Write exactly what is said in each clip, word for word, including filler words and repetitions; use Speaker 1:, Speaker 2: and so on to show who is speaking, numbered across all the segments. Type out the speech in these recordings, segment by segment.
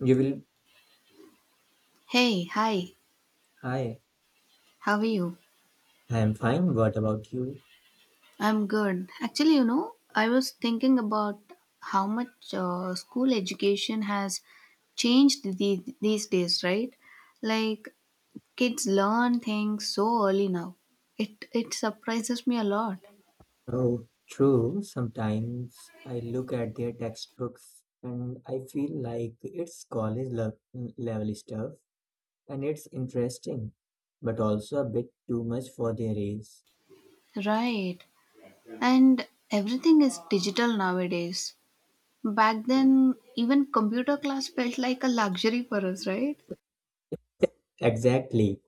Speaker 1: You will.
Speaker 2: Hey, hi,
Speaker 1: Hi,
Speaker 2: how are you?
Speaker 1: I am fine. What about you?
Speaker 2: I'm good. Actually, you know, I was thinking about how much uh, school education has changed the, these days, right? Like, kids learn things so early now. It, it surprises me a lot.
Speaker 1: Oh, true. Sometimes I look at their textbooks and I feel like it's college le- level stuff, and it's interesting, but also a bit too much for their age.
Speaker 2: Right. And everything is digital nowadays. Back then, even computer class felt like a luxury for us, right?
Speaker 1: Exactly.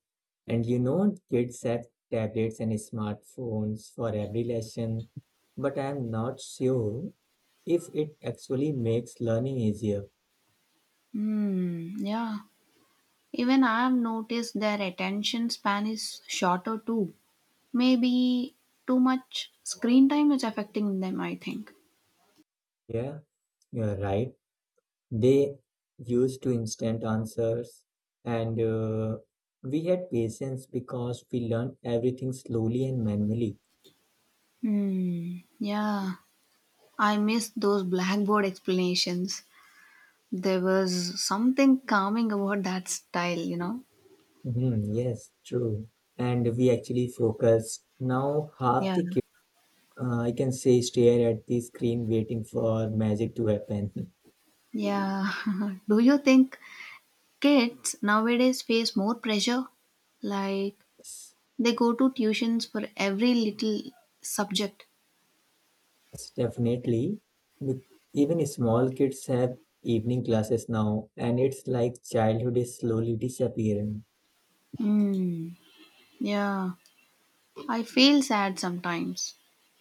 Speaker 1: And you know, kids have tablets and smartphones for every lesson, but I am not sure if it actually makes learning easier.
Speaker 2: Hmm, yeah. Even I've noticed their attention span is shorter too. Maybe too much screen time is affecting them, I think.
Speaker 1: Yeah, you're right. They used to instant answers, and uh, we had patience because we learned everything slowly and manually.
Speaker 2: Hmm. Yeah, I miss those blackboard explanations. There was something calming about that style, you know?
Speaker 1: Mhm, yes, true. And we actually focused. Now, half
Speaker 2: Yeah.
Speaker 1: the kids, uh, I can say, stare at the screen waiting for magic to happen.
Speaker 2: Yeah. Do you think kids nowadays face more pressure? Like they go to tuitions for every little subject.
Speaker 1: Yes, definitely. Be- Even small kids have evening classes now, and it's like childhood is slowly disappearing.
Speaker 2: Hmm. Yeah. I feel sad sometimes.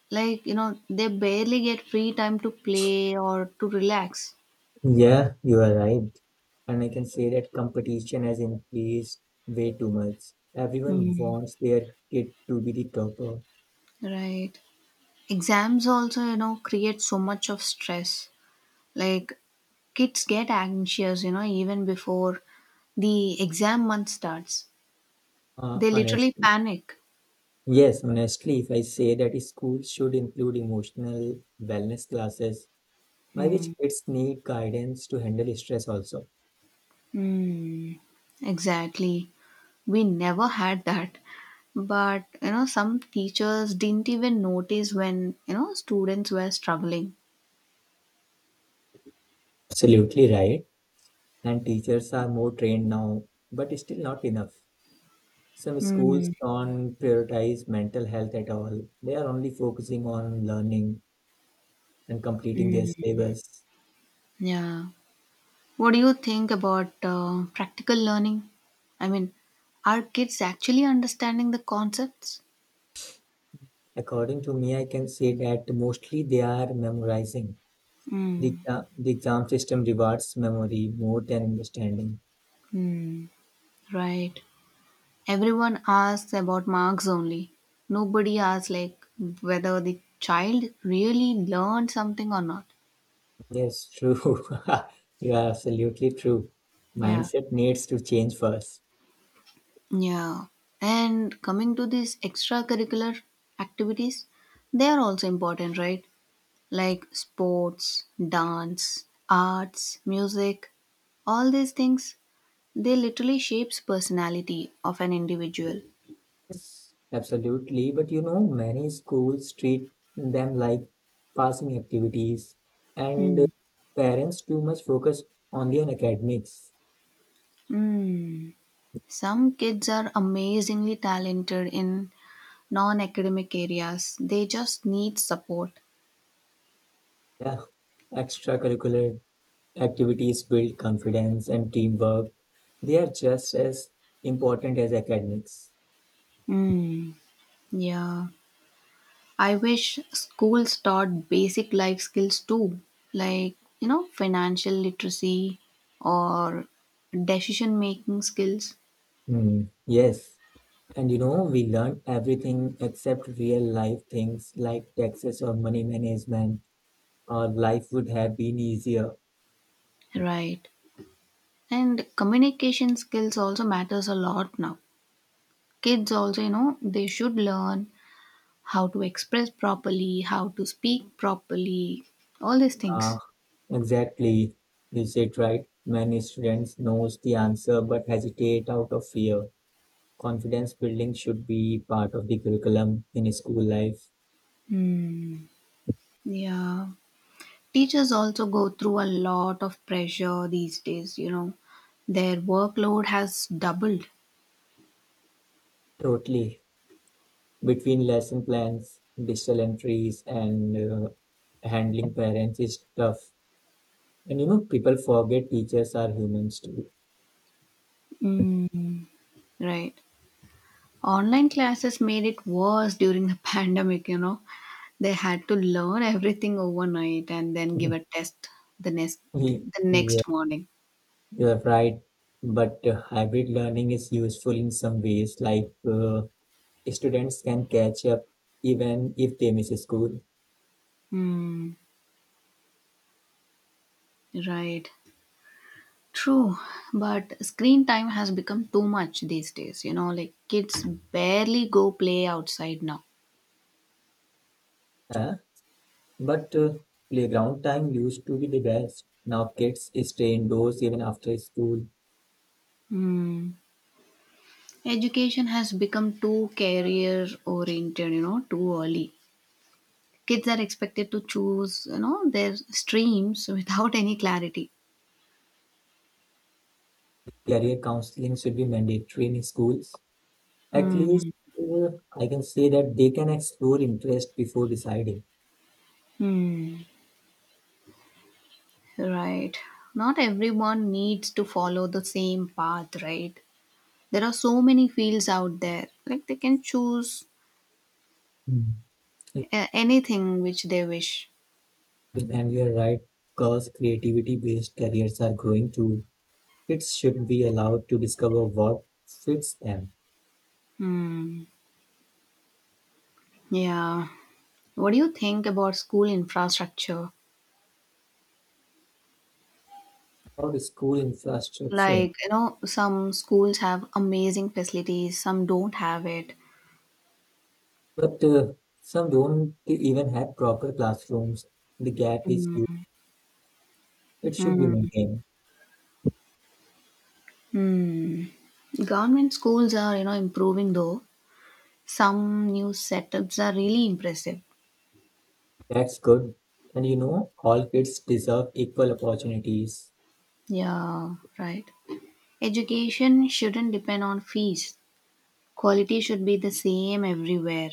Speaker 2: Like, you know, they barely get free time to play or to relax.
Speaker 1: Yeah, you are right. And I can say that competition has increased way too much. Everyone
Speaker 2: Hmm.
Speaker 1: wants their kid to be the topper.
Speaker 2: Right. Exams also, you know, create so much of stress. Like, kids get anxious, you know, even before the exam month starts.
Speaker 1: Uh,
Speaker 2: They literally
Speaker 1: honestly,
Speaker 2: panic.
Speaker 1: yes, honestly, if I say that schools should include emotional wellness classes by which
Speaker 2: Hmm.
Speaker 1: kids need guidance to handle stress also.
Speaker 2: Hmm. Exactly. We never had that. But, you know, some teachers didn't even notice when, you know, students were struggling.
Speaker 1: Absolutely right. And teachers are more trained now, but still not enough. Some schools
Speaker 2: Mm,
Speaker 1: don't prioritize mental health at all. They are only focusing on learning and completing their
Speaker 2: mm,
Speaker 1: syllabus.
Speaker 2: yeah. What do you think about uh, practical learning? I mean, are kids actually understanding the concepts?
Speaker 1: According to me, I can say that mostly they are memorizing. The,
Speaker 2: Mm,
Speaker 1: exa- the exam system rewards memory more than understanding.
Speaker 2: mm, right. Everyone asks about marks only. Nobody asks like whether the child really learned something or not.
Speaker 1: Yes, true. You are absolutely true.
Speaker 2: Yeah.
Speaker 1: Mindset needs to change first.
Speaker 2: Yeah. And coming to these extracurricular activities, they are also important, right? Like sports, dance, arts, music, all these things they literally shapes personality of an individual.
Speaker 1: Yes, absolutely. But you know, many schools treat them like passing activities, and uh,
Speaker 2: Hmm.
Speaker 1: parents too much focus only on academics.
Speaker 2: Hmm. Some kids are amazingly talented in non-academic areas. They just need support.
Speaker 1: Yeah, extracurricular activities build confidence and teamwork. They are just as important as academics.
Speaker 2: Hmm. Yeah. I wish schools taught basic life skills too, like, you know, financial literacy or decision making skills.
Speaker 1: Hmm. Yes. And you know, we learn everything except real life things like taxes or money management. Our life would have been easier.
Speaker 2: Right. And communication skills also matters a lot now. Kids also, you know, they should learn how to express properly, how to speak properly, all these things.
Speaker 1: Ah, exactly. You said right. Many students knows the answer but hesitate out of fear. Confidence building should be part of the curriculum in school life.
Speaker 2: Hmm. Yeah. Teachers also go through a lot of pressure these days, you know. Their workload has doubled.
Speaker 1: Totally. Between lesson plans, digital entries, and uh, handling parents is tough. And you know, people forget teachers are humans too.
Speaker 2: Mm. Right. Online classes made it worse during the pandemic, you know. They had to learn everything overnight and then give a test the next
Speaker 1: Ye-
Speaker 2: the
Speaker 1: Yeah,
Speaker 2: next morning.
Speaker 1: you're right. But uh, hybrid learning is useful in some ways, like uh, students can catch up even if they miss school.
Speaker 2: Hmm. Right. True, but screen time has become too much these days. You know, like kids barely go play outside now.
Speaker 1: Uh, but uh, Playground time used to be the best. Now kids stay indoors even after school.
Speaker 2: Hmm. Education has become too career oriented, you know, too early. Kids are expected to choose, you know, their streams without any clarity.
Speaker 1: Career counseling should be mandatory in schools. At least
Speaker 2: Hmm.
Speaker 1: uh, I can say that they can explore interest before deciding.
Speaker 2: Hmm, right. Not everyone needs to follow the same path, right? There are so many fields out there. Like they can choose
Speaker 1: Mm.
Speaker 2: uh, anything which they wish.
Speaker 1: And you're right, because creativity based careers are growing too. Kids should be allowed to discover what fits them
Speaker 2: Hmm. Yeah. What do you think about school infrastructure?
Speaker 1: or the school infrastructure.
Speaker 2: Like, you know, some schools have amazing facilities, some don't have it.
Speaker 1: But uh, some don't even have proper classrooms. The gap is huge. It should be
Speaker 2: Hmm.
Speaker 1: maintained.
Speaker 2: Hmm. Government schools are, you know, improving though. Some new setups are really impressive.
Speaker 1: That's good. And you know, all kids deserve equal opportunities.
Speaker 2: Yeah, right. Education shouldn't depend on fees. Quality should be the same everywhere.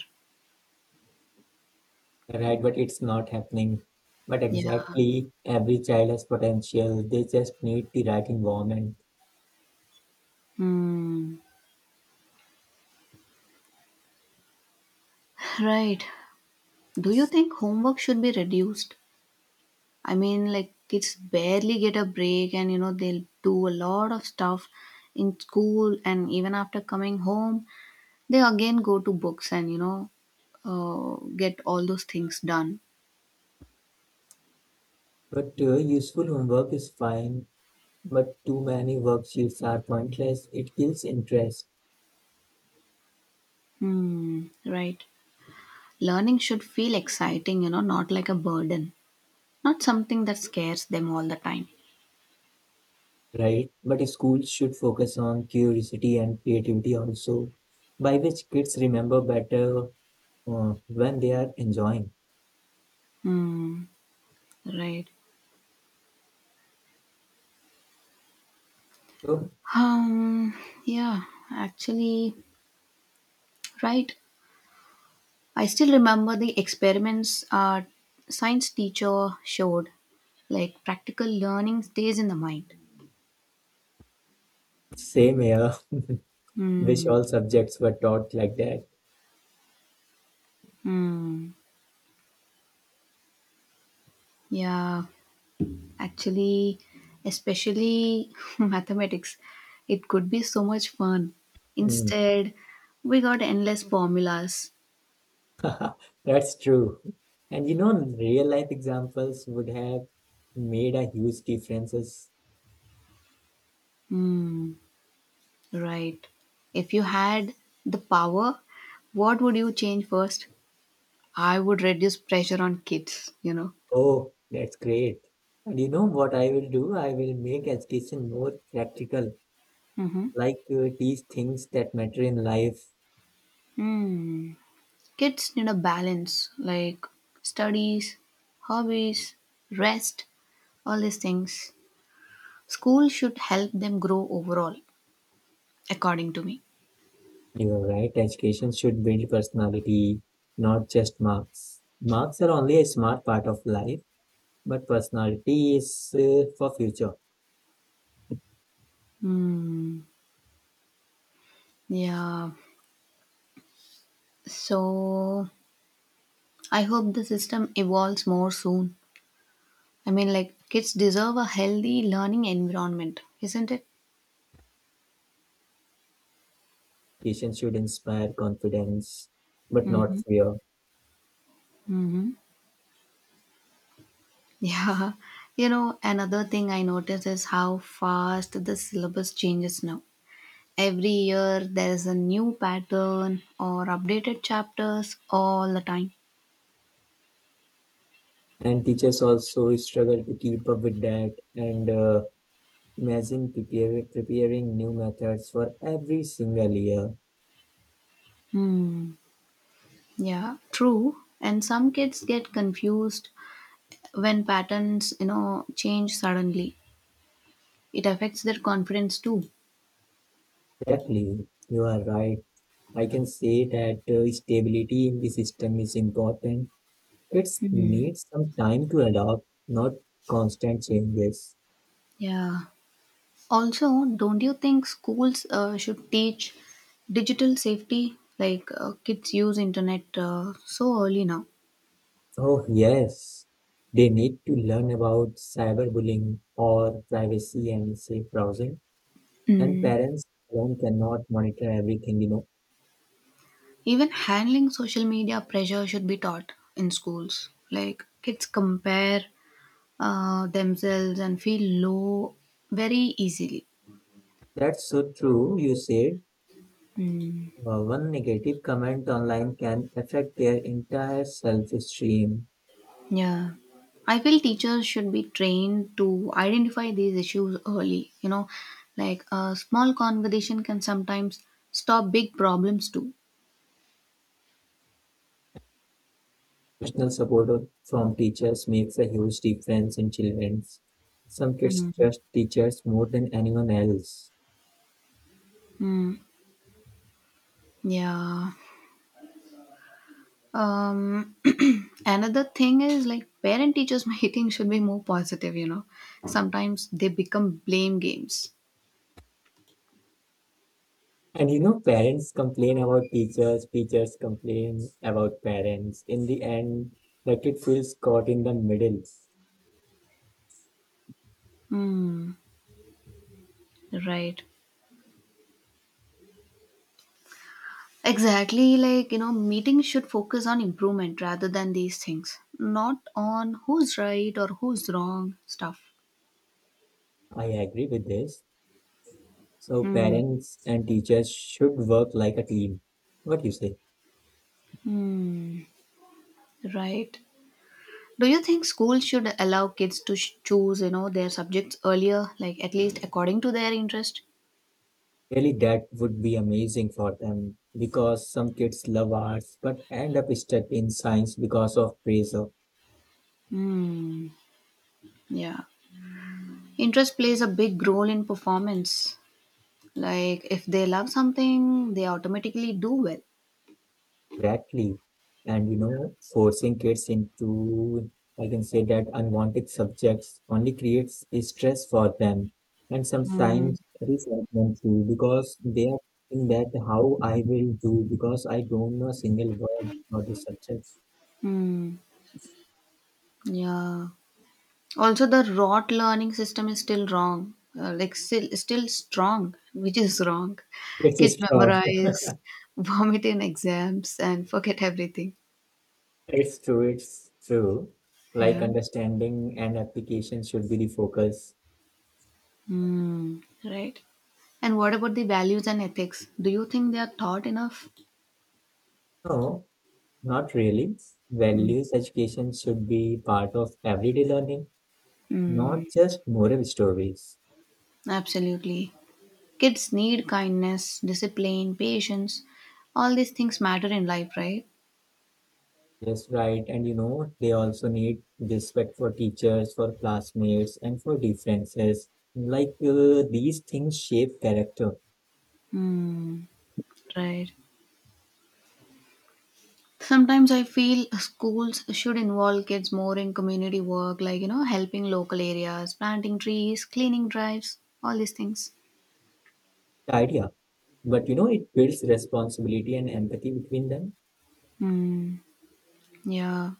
Speaker 1: Right, but it's not happening. But
Speaker 2: Yeah.
Speaker 1: exactly, every child has potential. They just need the right environment.
Speaker 2: Hmm. Right. Do you think homework should be reduced? I mean, like kids barely get a break, and you know they'll do a lot of stuff in school, and even after coming home, they again go to books and you know uh, get all those things done.
Speaker 1: But uh, useful homework is fine, but too many worksheets are pointless. It kills interest,
Speaker 2: Hmm. Right. Learning should feel exciting, you know, not like a burden, not something that scares them all the time.
Speaker 1: right? But schools should focus on curiosity and creativity also, by which kids remember better uh, when they are enjoying.
Speaker 2: Hmm, right.
Speaker 1: So,
Speaker 2: Um, yeah, actually, right. I still remember the experiments our science teacher showed, like practical learning stays in the mind.
Speaker 1: same here. Wish
Speaker 2: Hmm,
Speaker 1: all subjects were taught like that.
Speaker 2: hmm, yeah, actually, especially mathematics, it could be so much fun.
Speaker 1: Hmm.
Speaker 2: Instead, we got endless formulas.
Speaker 1: That's true. And you know, real life examples would have made a huge differences.
Speaker 2: Right. If you had the power, what would you change first? I would reduce pressure on kids, you know.
Speaker 1: Oh, that's great. And you know what I will do? I will make education more practical,
Speaker 2: Mm-hmm.
Speaker 1: like uh, teach things that matter in life.
Speaker 2: Hmm. Kids need a balance like studies, hobbies, rest, all these things. School should help them grow overall, according to me.
Speaker 1: You're right. Education should build personality, not just marks. Marks are only a smart part of life, but personality is uh, for future.
Speaker 2: Hmm. Yeah. So I hope the system evolves more soon. I mean, like, kids deserve a healthy learning environment, isn't it?
Speaker 1: Education should inspire confidence, but not fear.
Speaker 2: Mhm. Yeah, you know, another thing I notice is how fast the syllabus changes now. Every year there is a new pattern or updated chapters all the time.
Speaker 1: And teachers also struggle to keep up with that, and uh, imagine prepare, preparing new methods for every single year.
Speaker 2: Hmm, yeah, true. And some kids get confused when patterns, you know, change suddenly. It affects their confidence too.
Speaker 1: Exactly, you are right. I can say that uh, stability in the system is important. It
Speaker 2: Hmm.
Speaker 1: needs some time to adopt, not constant changes.
Speaker 2: Yeah. Also, don't you think schools uh, should teach digital safety? Like uh, kids use internet uh, so early now.
Speaker 1: Oh yes, they need to learn about cyberbullying, or privacy and safe browsing. And
Speaker 2: Mm.
Speaker 1: parents alone cannot monitor everything, you know.
Speaker 2: Even handling social media pressure should be taught in schools. Like kids compare uh, themselves and feel low very easily.
Speaker 1: That's so true. You said
Speaker 2: Mm.
Speaker 1: uh, one negative comment online can affect their entire self-esteem.
Speaker 2: Yeah. I feel teachers should be trained to identify these issues early. You know, like a small conversation can sometimes stop big problems too.
Speaker 1: Personal support of- from teachers makes a huge difference in children. Some kids
Speaker 2: Mm.
Speaker 1: trust teachers more than anyone else.
Speaker 2: Mm. Yeah. Um, another thing is like parent teachers meeting should be more positive, you know. Sometimes they become blame games.
Speaker 1: And you know, parents complain about teachers, teachers complain about parents. In the end, the kid feels caught in the middle.
Speaker 2: Hmm, right. Exactly, like, you know, meetings should focus on improvement rather than these things, not on who's right or who's wrong stuff.
Speaker 1: I agree with this. So
Speaker 2: Hmm.
Speaker 1: parents and teachers should work like a team. What do you say?
Speaker 2: Hmm. Right. Do you think schools should allow kids to sh- choose, you know, their subjects earlier, like at least according to their interest?
Speaker 1: Really, that would be amazing for them because some kids love arts but end up stuck in science because of pressure.
Speaker 2: Hmm. Yeah. Interest plays a big role in performance. Like if they love something, they automatically do well.
Speaker 1: Exactly. And you know, forcing kids into, I can say that unwanted subjects only creates stress for them and sometimes resentment too, because they are thinking that how I will do because I don't know a single word for the subjects.
Speaker 2: Hmm. Yeah. Also, the rote learning system is still wrong. Uh, like still still strong, which is wrong.
Speaker 1: It's
Speaker 2: Kids
Speaker 1: strong.
Speaker 2: memorize, vomit in exams, and forget everything.
Speaker 1: It's true, it's true. Like
Speaker 2: Yeah.
Speaker 1: understanding and application should be the focus.
Speaker 2: Hmm. Right. And what about the values and ethics? Do you think they are taught enough?
Speaker 1: No, not really.
Speaker 2: Hmm.
Speaker 1: Values education should be part of everyday learning,
Speaker 2: Hmm.
Speaker 1: not just moral stories.
Speaker 2: Absolutely. Kids need kindness, discipline, patience. All these things matter in life, right?
Speaker 1: Yes, right. And you know, they also need respect for teachers, for classmates, and for differences. Like uh, these things shape character,
Speaker 2: Hmm. Right. Sometimes I feel schools should involve kids more in community work, like, you know, helping local areas, planting trees, cleaning drives, all these things.
Speaker 1: idea. But you know, it builds responsibility and empathy between them.
Speaker 2: Hmm. Yeah.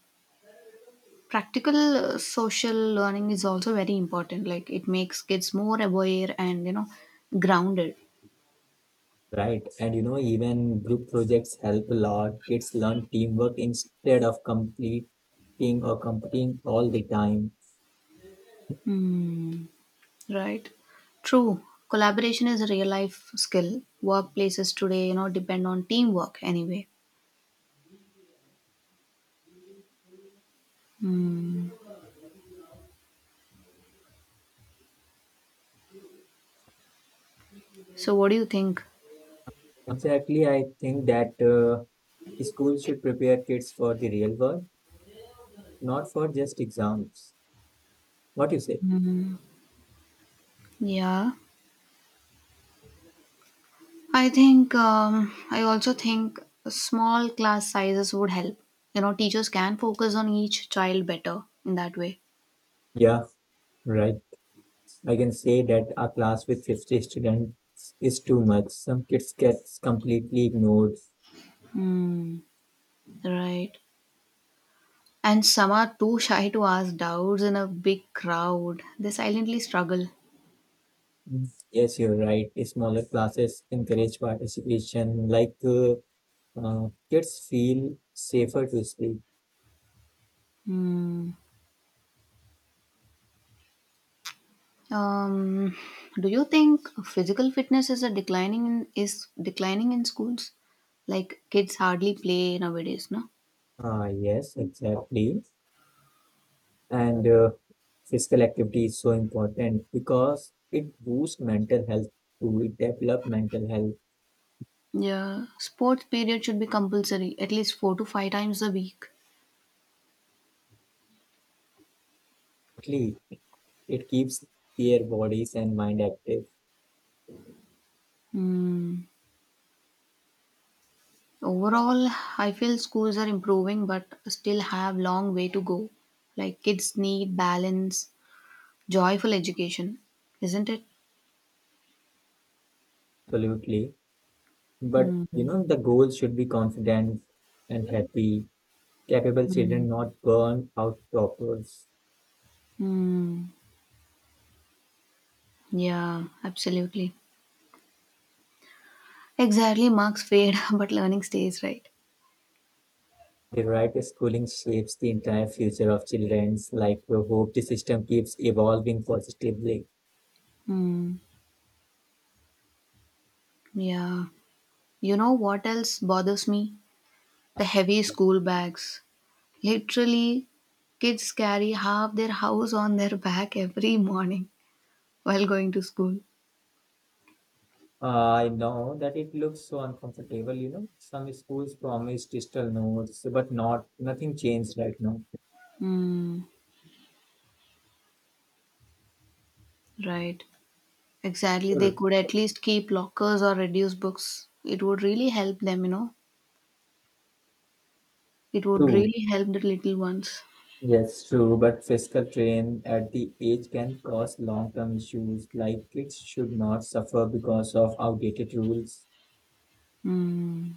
Speaker 2: Practical uh, social learning is also very important. Like, it makes kids more aware and, you know, grounded.
Speaker 1: Right. And you know, even group projects help a lot. Kids learn teamwork instead of competing or competing all the time.
Speaker 2: Hmm. Right. True. Collaboration is a real life skill. Workplaces today, you know, depend on teamwork anyway. Hmm. So, what do you think?
Speaker 1: Exactly. I think that uh, schools should prepare kids for the real world, not for just exams. What you say?
Speaker 2: Yeah. I think, um, I also think small class sizes would help. You know, teachers can focus on each child better in that way.
Speaker 1: Yeah, right. I can say that a class with fifty students is too much. Some kids gets completely ignored.
Speaker 2: Hmm. Right. And some are too shy to ask doubts in a big crowd. They silently struggle.
Speaker 1: Mm. Yes, you're right. Smaller classes encourage participation, like uh, Uh, kids feel safer to speak.
Speaker 2: Hmm. Um, do you think physical fitness is a declining in, is declining in schools? Like kids hardly play nowadays, no?
Speaker 1: Ah, yes, exactly. And uh, physical activity is so important because it boosts mental health too. It develop mental health.
Speaker 2: Yeah, sports period should be compulsory at least four to five times a week.
Speaker 1: Actually, it keeps their bodies and mind active.
Speaker 2: Mm. Overall, I feel schools are improving, but still have long way to go. Like kids need balance, joyful education, isn't it?
Speaker 1: Absolutely. But you know, the goal should be confident and happy. Capable children, not burn out toppers.
Speaker 2: Hmm. Yeah, absolutely. Exactly, marks fade, but learning stays, right?
Speaker 1: The right schooling shapes the entire future of children's life. We hope the system keeps evolving positively.
Speaker 2: Hmm. Yeah. You know what else bothers me? The heavy school bags. Literally, kids carry half their house on their back every morning while going to school.
Speaker 1: I know that it looks so uncomfortable, you know. Some schools promise digital notes, but not nothing changed right now.
Speaker 2: Hmm. Right. Exactly. They
Speaker 1: True.
Speaker 2: could at least keep lockers or reduce books. It would really help them, you know. It would
Speaker 1: True.
Speaker 2: really help the little ones.
Speaker 1: Yes, true. But fiscal train at the age can cause long-term issues, like kids should not suffer because of outdated rules.
Speaker 2: Hmm.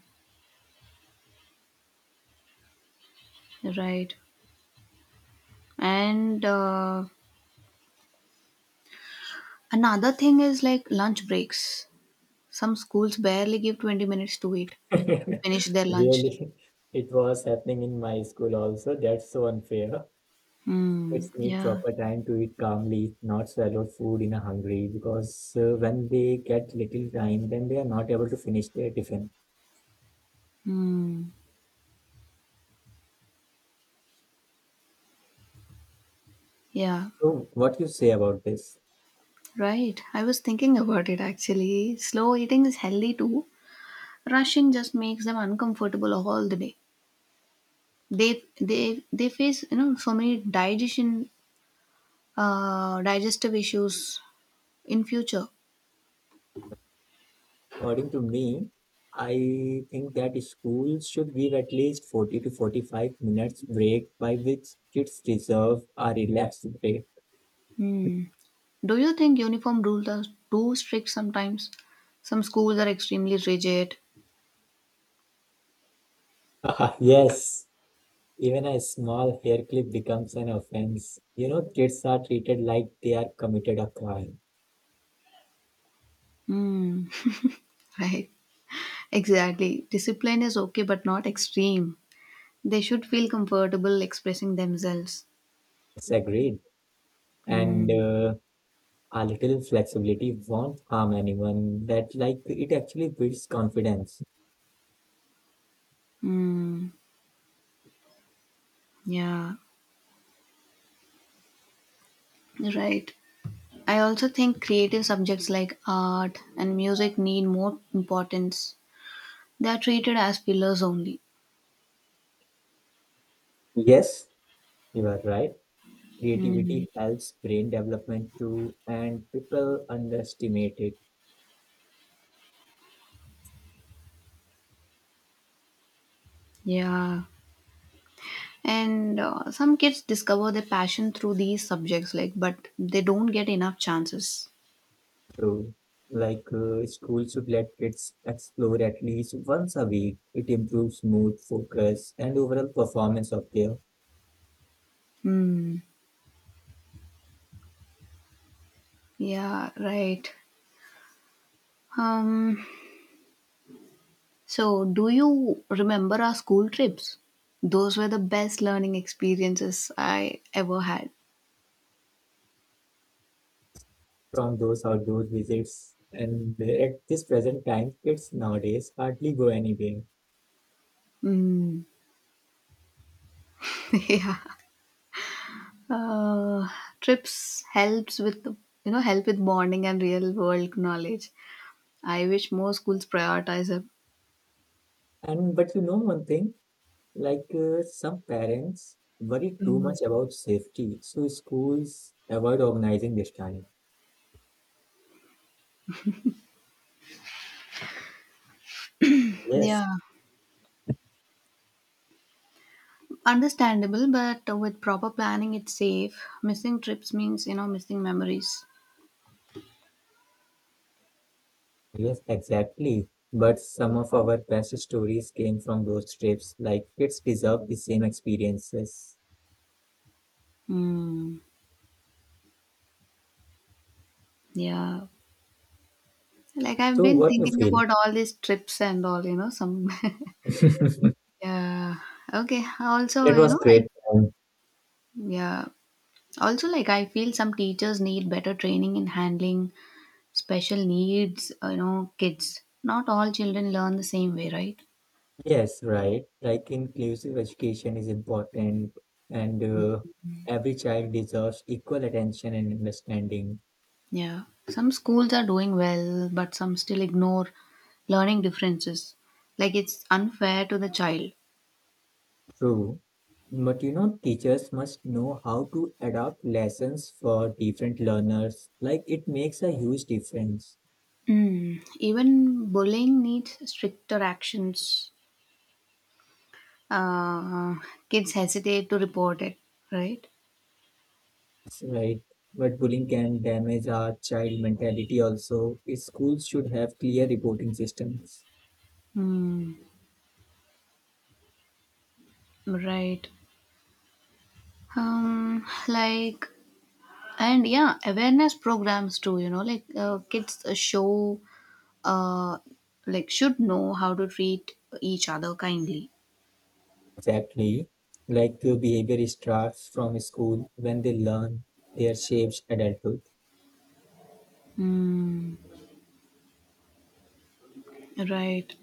Speaker 2: Right. And uh, another thing is like lunch breaks. Some schools barely give twenty minutes to eat finish their lunch.
Speaker 1: Really, it was happening in my school also. That's so unfair.
Speaker 2: Hmm.
Speaker 1: Pets need
Speaker 2: Yeah.
Speaker 1: proper time to eat calmly, not swallow food in a hungry, because uh, when they get little time, then they are not able to finish their tiffin.
Speaker 2: Hmm. Yeah.
Speaker 1: So, what you say about this?
Speaker 2: Right. I was thinking about it actually. Slow eating is healthy too. Rushing just makes them uncomfortable all the day. They they they face you know so many digestion uh, digestive issues in future.
Speaker 1: According to me, I think that schools should give at least forty to forty-five minutes break by which kids deserve a relaxed break.
Speaker 2: Hmm. Do you think uniform rules are too strict sometimes? Some schools are extremely rigid.
Speaker 1: Yes, even a small hair clip becomes an offense. You know, kids are treated like they are committed a crime.
Speaker 2: Hmm. Right. Exactly. Discipline is okay, but not extreme. They should feel comfortable expressing themselves.
Speaker 1: It's agreed. And
Speaker 2: Hmm.
Speaker 1: uh, a little flexibility won't harm anyone. That like it actually builds confidence.
Speaker 2: Hmm. Yeah. Right. I also think creative subjects like art and music need more importance. They are treated as pillars only.
Speaker 1: Yes, you are right.
Speaker 2: Hmm.
Speaker 1: Creativity helps brain development too, and people underestimate it
Speaker 2: Yeah. And uh, some kids discover their passion through these subjects, like, but they don't get enough chances.
Speaker 1: too. Like uh, schools should let kids explore at least once a week. It improves mood, focus, and overall performance of their
Speaker 2: Hmm. Yeah. Right. Um. So, do you remember our school trips? Those were the best learning experiences I ever had.
Speaker 1: from those outdoor visits. And at this present time, kids nowadays hardly go anywhere.
Speaker 2: Mm. yeah. Uh, trips helps with you know help with bonding and real world knowledge. I wish more schools prioritize it.
Speaker 1: And but you know one thing, like uh, some parents worry too
Speaker 2: Mm.
Speaker 1: much about safety, so schools avoid organizing this time. Yes,
Speaker 2: Yeah, understandable, but with proper planning, it's safe. Missing trips means you know missing memories.
Speaker 1: yes, exactly. But some of our best stories came from those trips. Like kids deserve the same experiences.
Speaker 2: Mm. Yeah, like I've
Speaker 1: So
Speaker 2: been
Speaker 1: what you
Speaker 2: thinking
Speaker 1: feel?
Speaker 2: about all these trips and all you know some. Yeah. Okay. Also,
Speaker 1: It
Speaker 2: you
Speaker 1: was
Speaker 2: know, like,
Speaker 1: great time.
Speaker 2: yeah. Also, like, I feel some teachers need better training in handling special needs, you know, kids. Not all children learn the same way, right?
Speaker 1: Yes, right. Like inclusive education is important, and uh, every child deserves equal attention and understanding.
Speaker 2: Yeah. Some schools are doing well, but some still ignore learning differences. Like, it's unfair to the child.
Speaker 1: True. But you know, teachers must know how to adapt lessons for different learners. Like it makes a huge difference,
Speaker 2: Mm. Even bullying needs stricter actions. Uh, kids hesitate to report it, right?
Speaker 1: right? But bullying can damage our child mentality also. Schools should have clear reporting systems.
Speaker 2: Mm. Right. Um, like, and yeah, awareness programs too, you know, like uh, kids uh, show uh like should know how to treat each other kindly.
Speaker 1: Exactly. Like uh, behavior starts from school. When they learn, their shapes adulthood.
Speaker 2: Mm, right.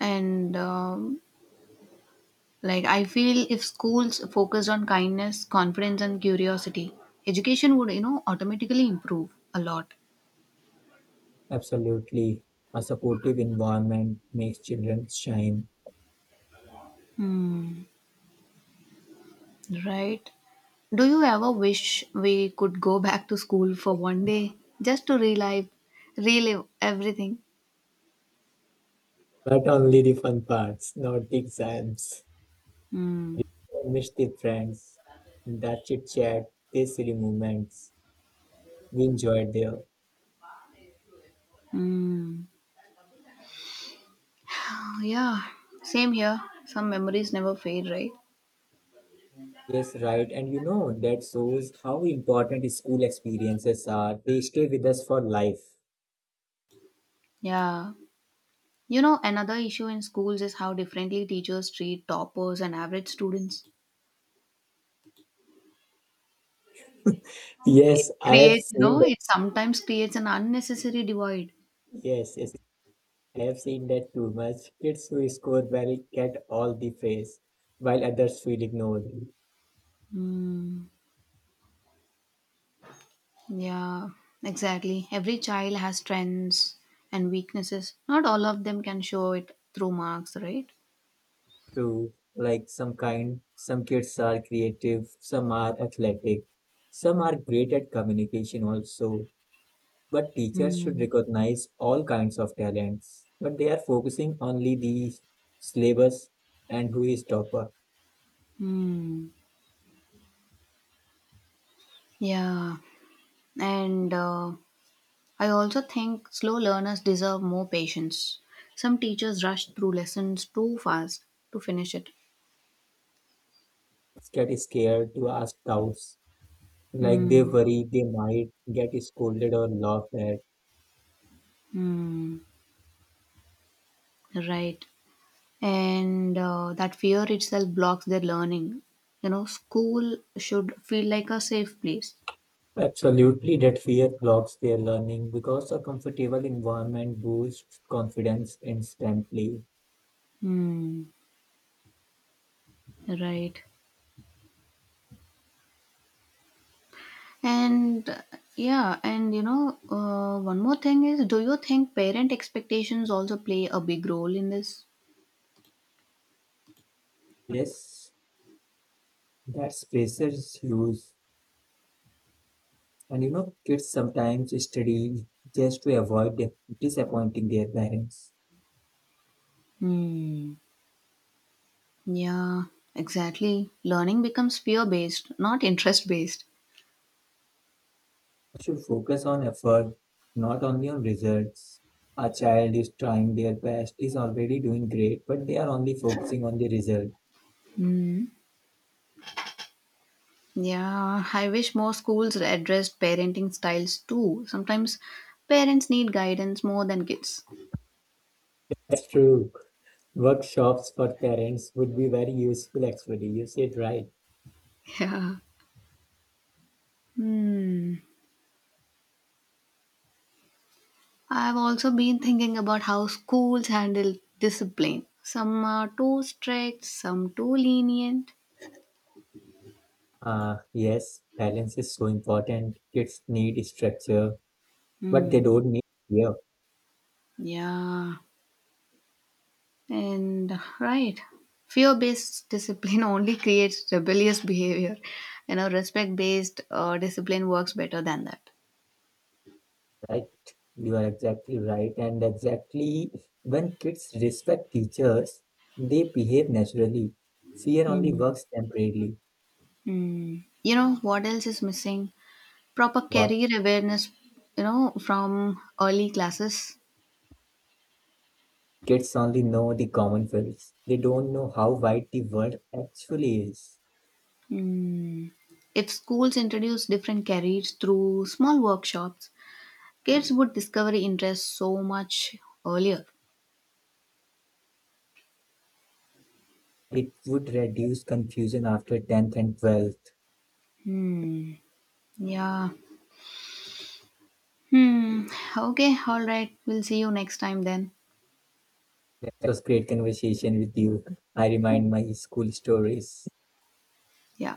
Speaker 2: And um, like, I feel if schools focused on kindness, confidence and curiosity, education would, you know, automatically improve a lot.
Speaker 1: Absolutely. A supportive environment makes children shine.
Speaker 2: Right. Do you ever wish we could go back to school for one day, just to relive relive everything?
Speaker 1: But only the fun parts, not the exams.
Speaker 2: Mm.
Speaker 1: I miss the friends, that chit chat, the silly moments we enjoyed there.
Speaker 2: Mm. Oh, yeah, same here. Some memories never fade, right?
Speaker 1: Yes, right. And you know, that shows how important school experiences are. They stay with us for life.
Speaker 2: Yeah. You know, another issue in schools is how differently teachers treat toppers and average students. It
Speaker 1: Yes, I have
Speaker 2: creates, you
Speaker 1: seen
Speaker 2: know,
Speaker 1: that.
Speaker 2: it sometimes creates an unnecessary divide.
Speaker 1: Yes, yes, I have seen that too much. Kids who score well get all the praise, while others feel ignored.
Speaker 2: Mm. Yeah, exactly. Every child has strengths and weaknesses. Not all of them can show it through marks, right?
Speaker 1: True, like some kind, some kids are creative, some are athletic, some are great at communication also. But teachers should
Speaker 2: Mm.
Speaker 1: recognize all kinds of talents, but they are focusing only the syllabus and who is topper.
Speaker 2: Mm. Yeah. And uh, I also think slow learners deserve more patience. Some teachers rush through lessons too fast to finish it.
Speaker 1: Get scared to ask doubts, like they
Speaker 2: Hmm.
Speaker 1: worry they might get scolded or laughed at.
Speaker 2: Hmm. Right. And uh, that fear itself blocks their learning. You know, school should feel like a safe place.
Speaker 1: Absolutely, that fear blocks their learning because a comfortable environment boosts confidence instantly.
Speaker 2: Hmm. Right. And uh, yeah, and you know, uh, one more thing is do you think parent expectations also play a big role in this?
Speaker 1: Yes, that pressure is huge. And you know, kids sometimes study just to avoid disappointing their parents.
Speaker 2: Hmm. Yeah, exactly. Learning becomes fear based, not interest based.
Speaker 1: Should focus on effort, not only on results. A child is trying their best, is already doing great, but they are only focusing on the result.
Speaker 2: Yeah, I wish more schools addressed parenting styles too. Sometimes parents need guidance more than kids.
Speaker 1: That's true. Workshops for parents would be very useful, actually. You said right.
Speaker 2: Yeah. Hmm. I've also been thinking about how schools handle discipline. Some are too strict, some too lenient.
Speaker 1: Uh, yes, balance is so important. Kids need structure, but they
Speaker 2: Hmm.
Speaker 1: don't need fear,
Speaker 2: Yeah. And right, fear based discipline only creates rebellious behavior. You know, respect based uh, discipline works better than that.
Speaker 1: right? You are exactly right. And exactly when kids respect teachers, they behave naturally. Fear only
Speaker 2: Mm.
Speaker 1: works temporarily.
Speaker 2: Mm. You know, what else is missing? Proper
Speaker 1: What
Speaker 2: career awareness, you know, from early classes.
Speaker 1: kids only know the common fields. They don't know how wide the world actually is.
Speaker 2: Mm. If schools introduce different careers through small workshops, kids would discover interests so much earlier.
Speaker 1: It would reduce confusion after tenth and twelfth.
Speaker 2: Hmm. Yeah. Hmm. Okay. All right. We'll see you next time then.
Speaker 1: It was great conversation with you. I remind my school stories.
Speaker 2: Yeah.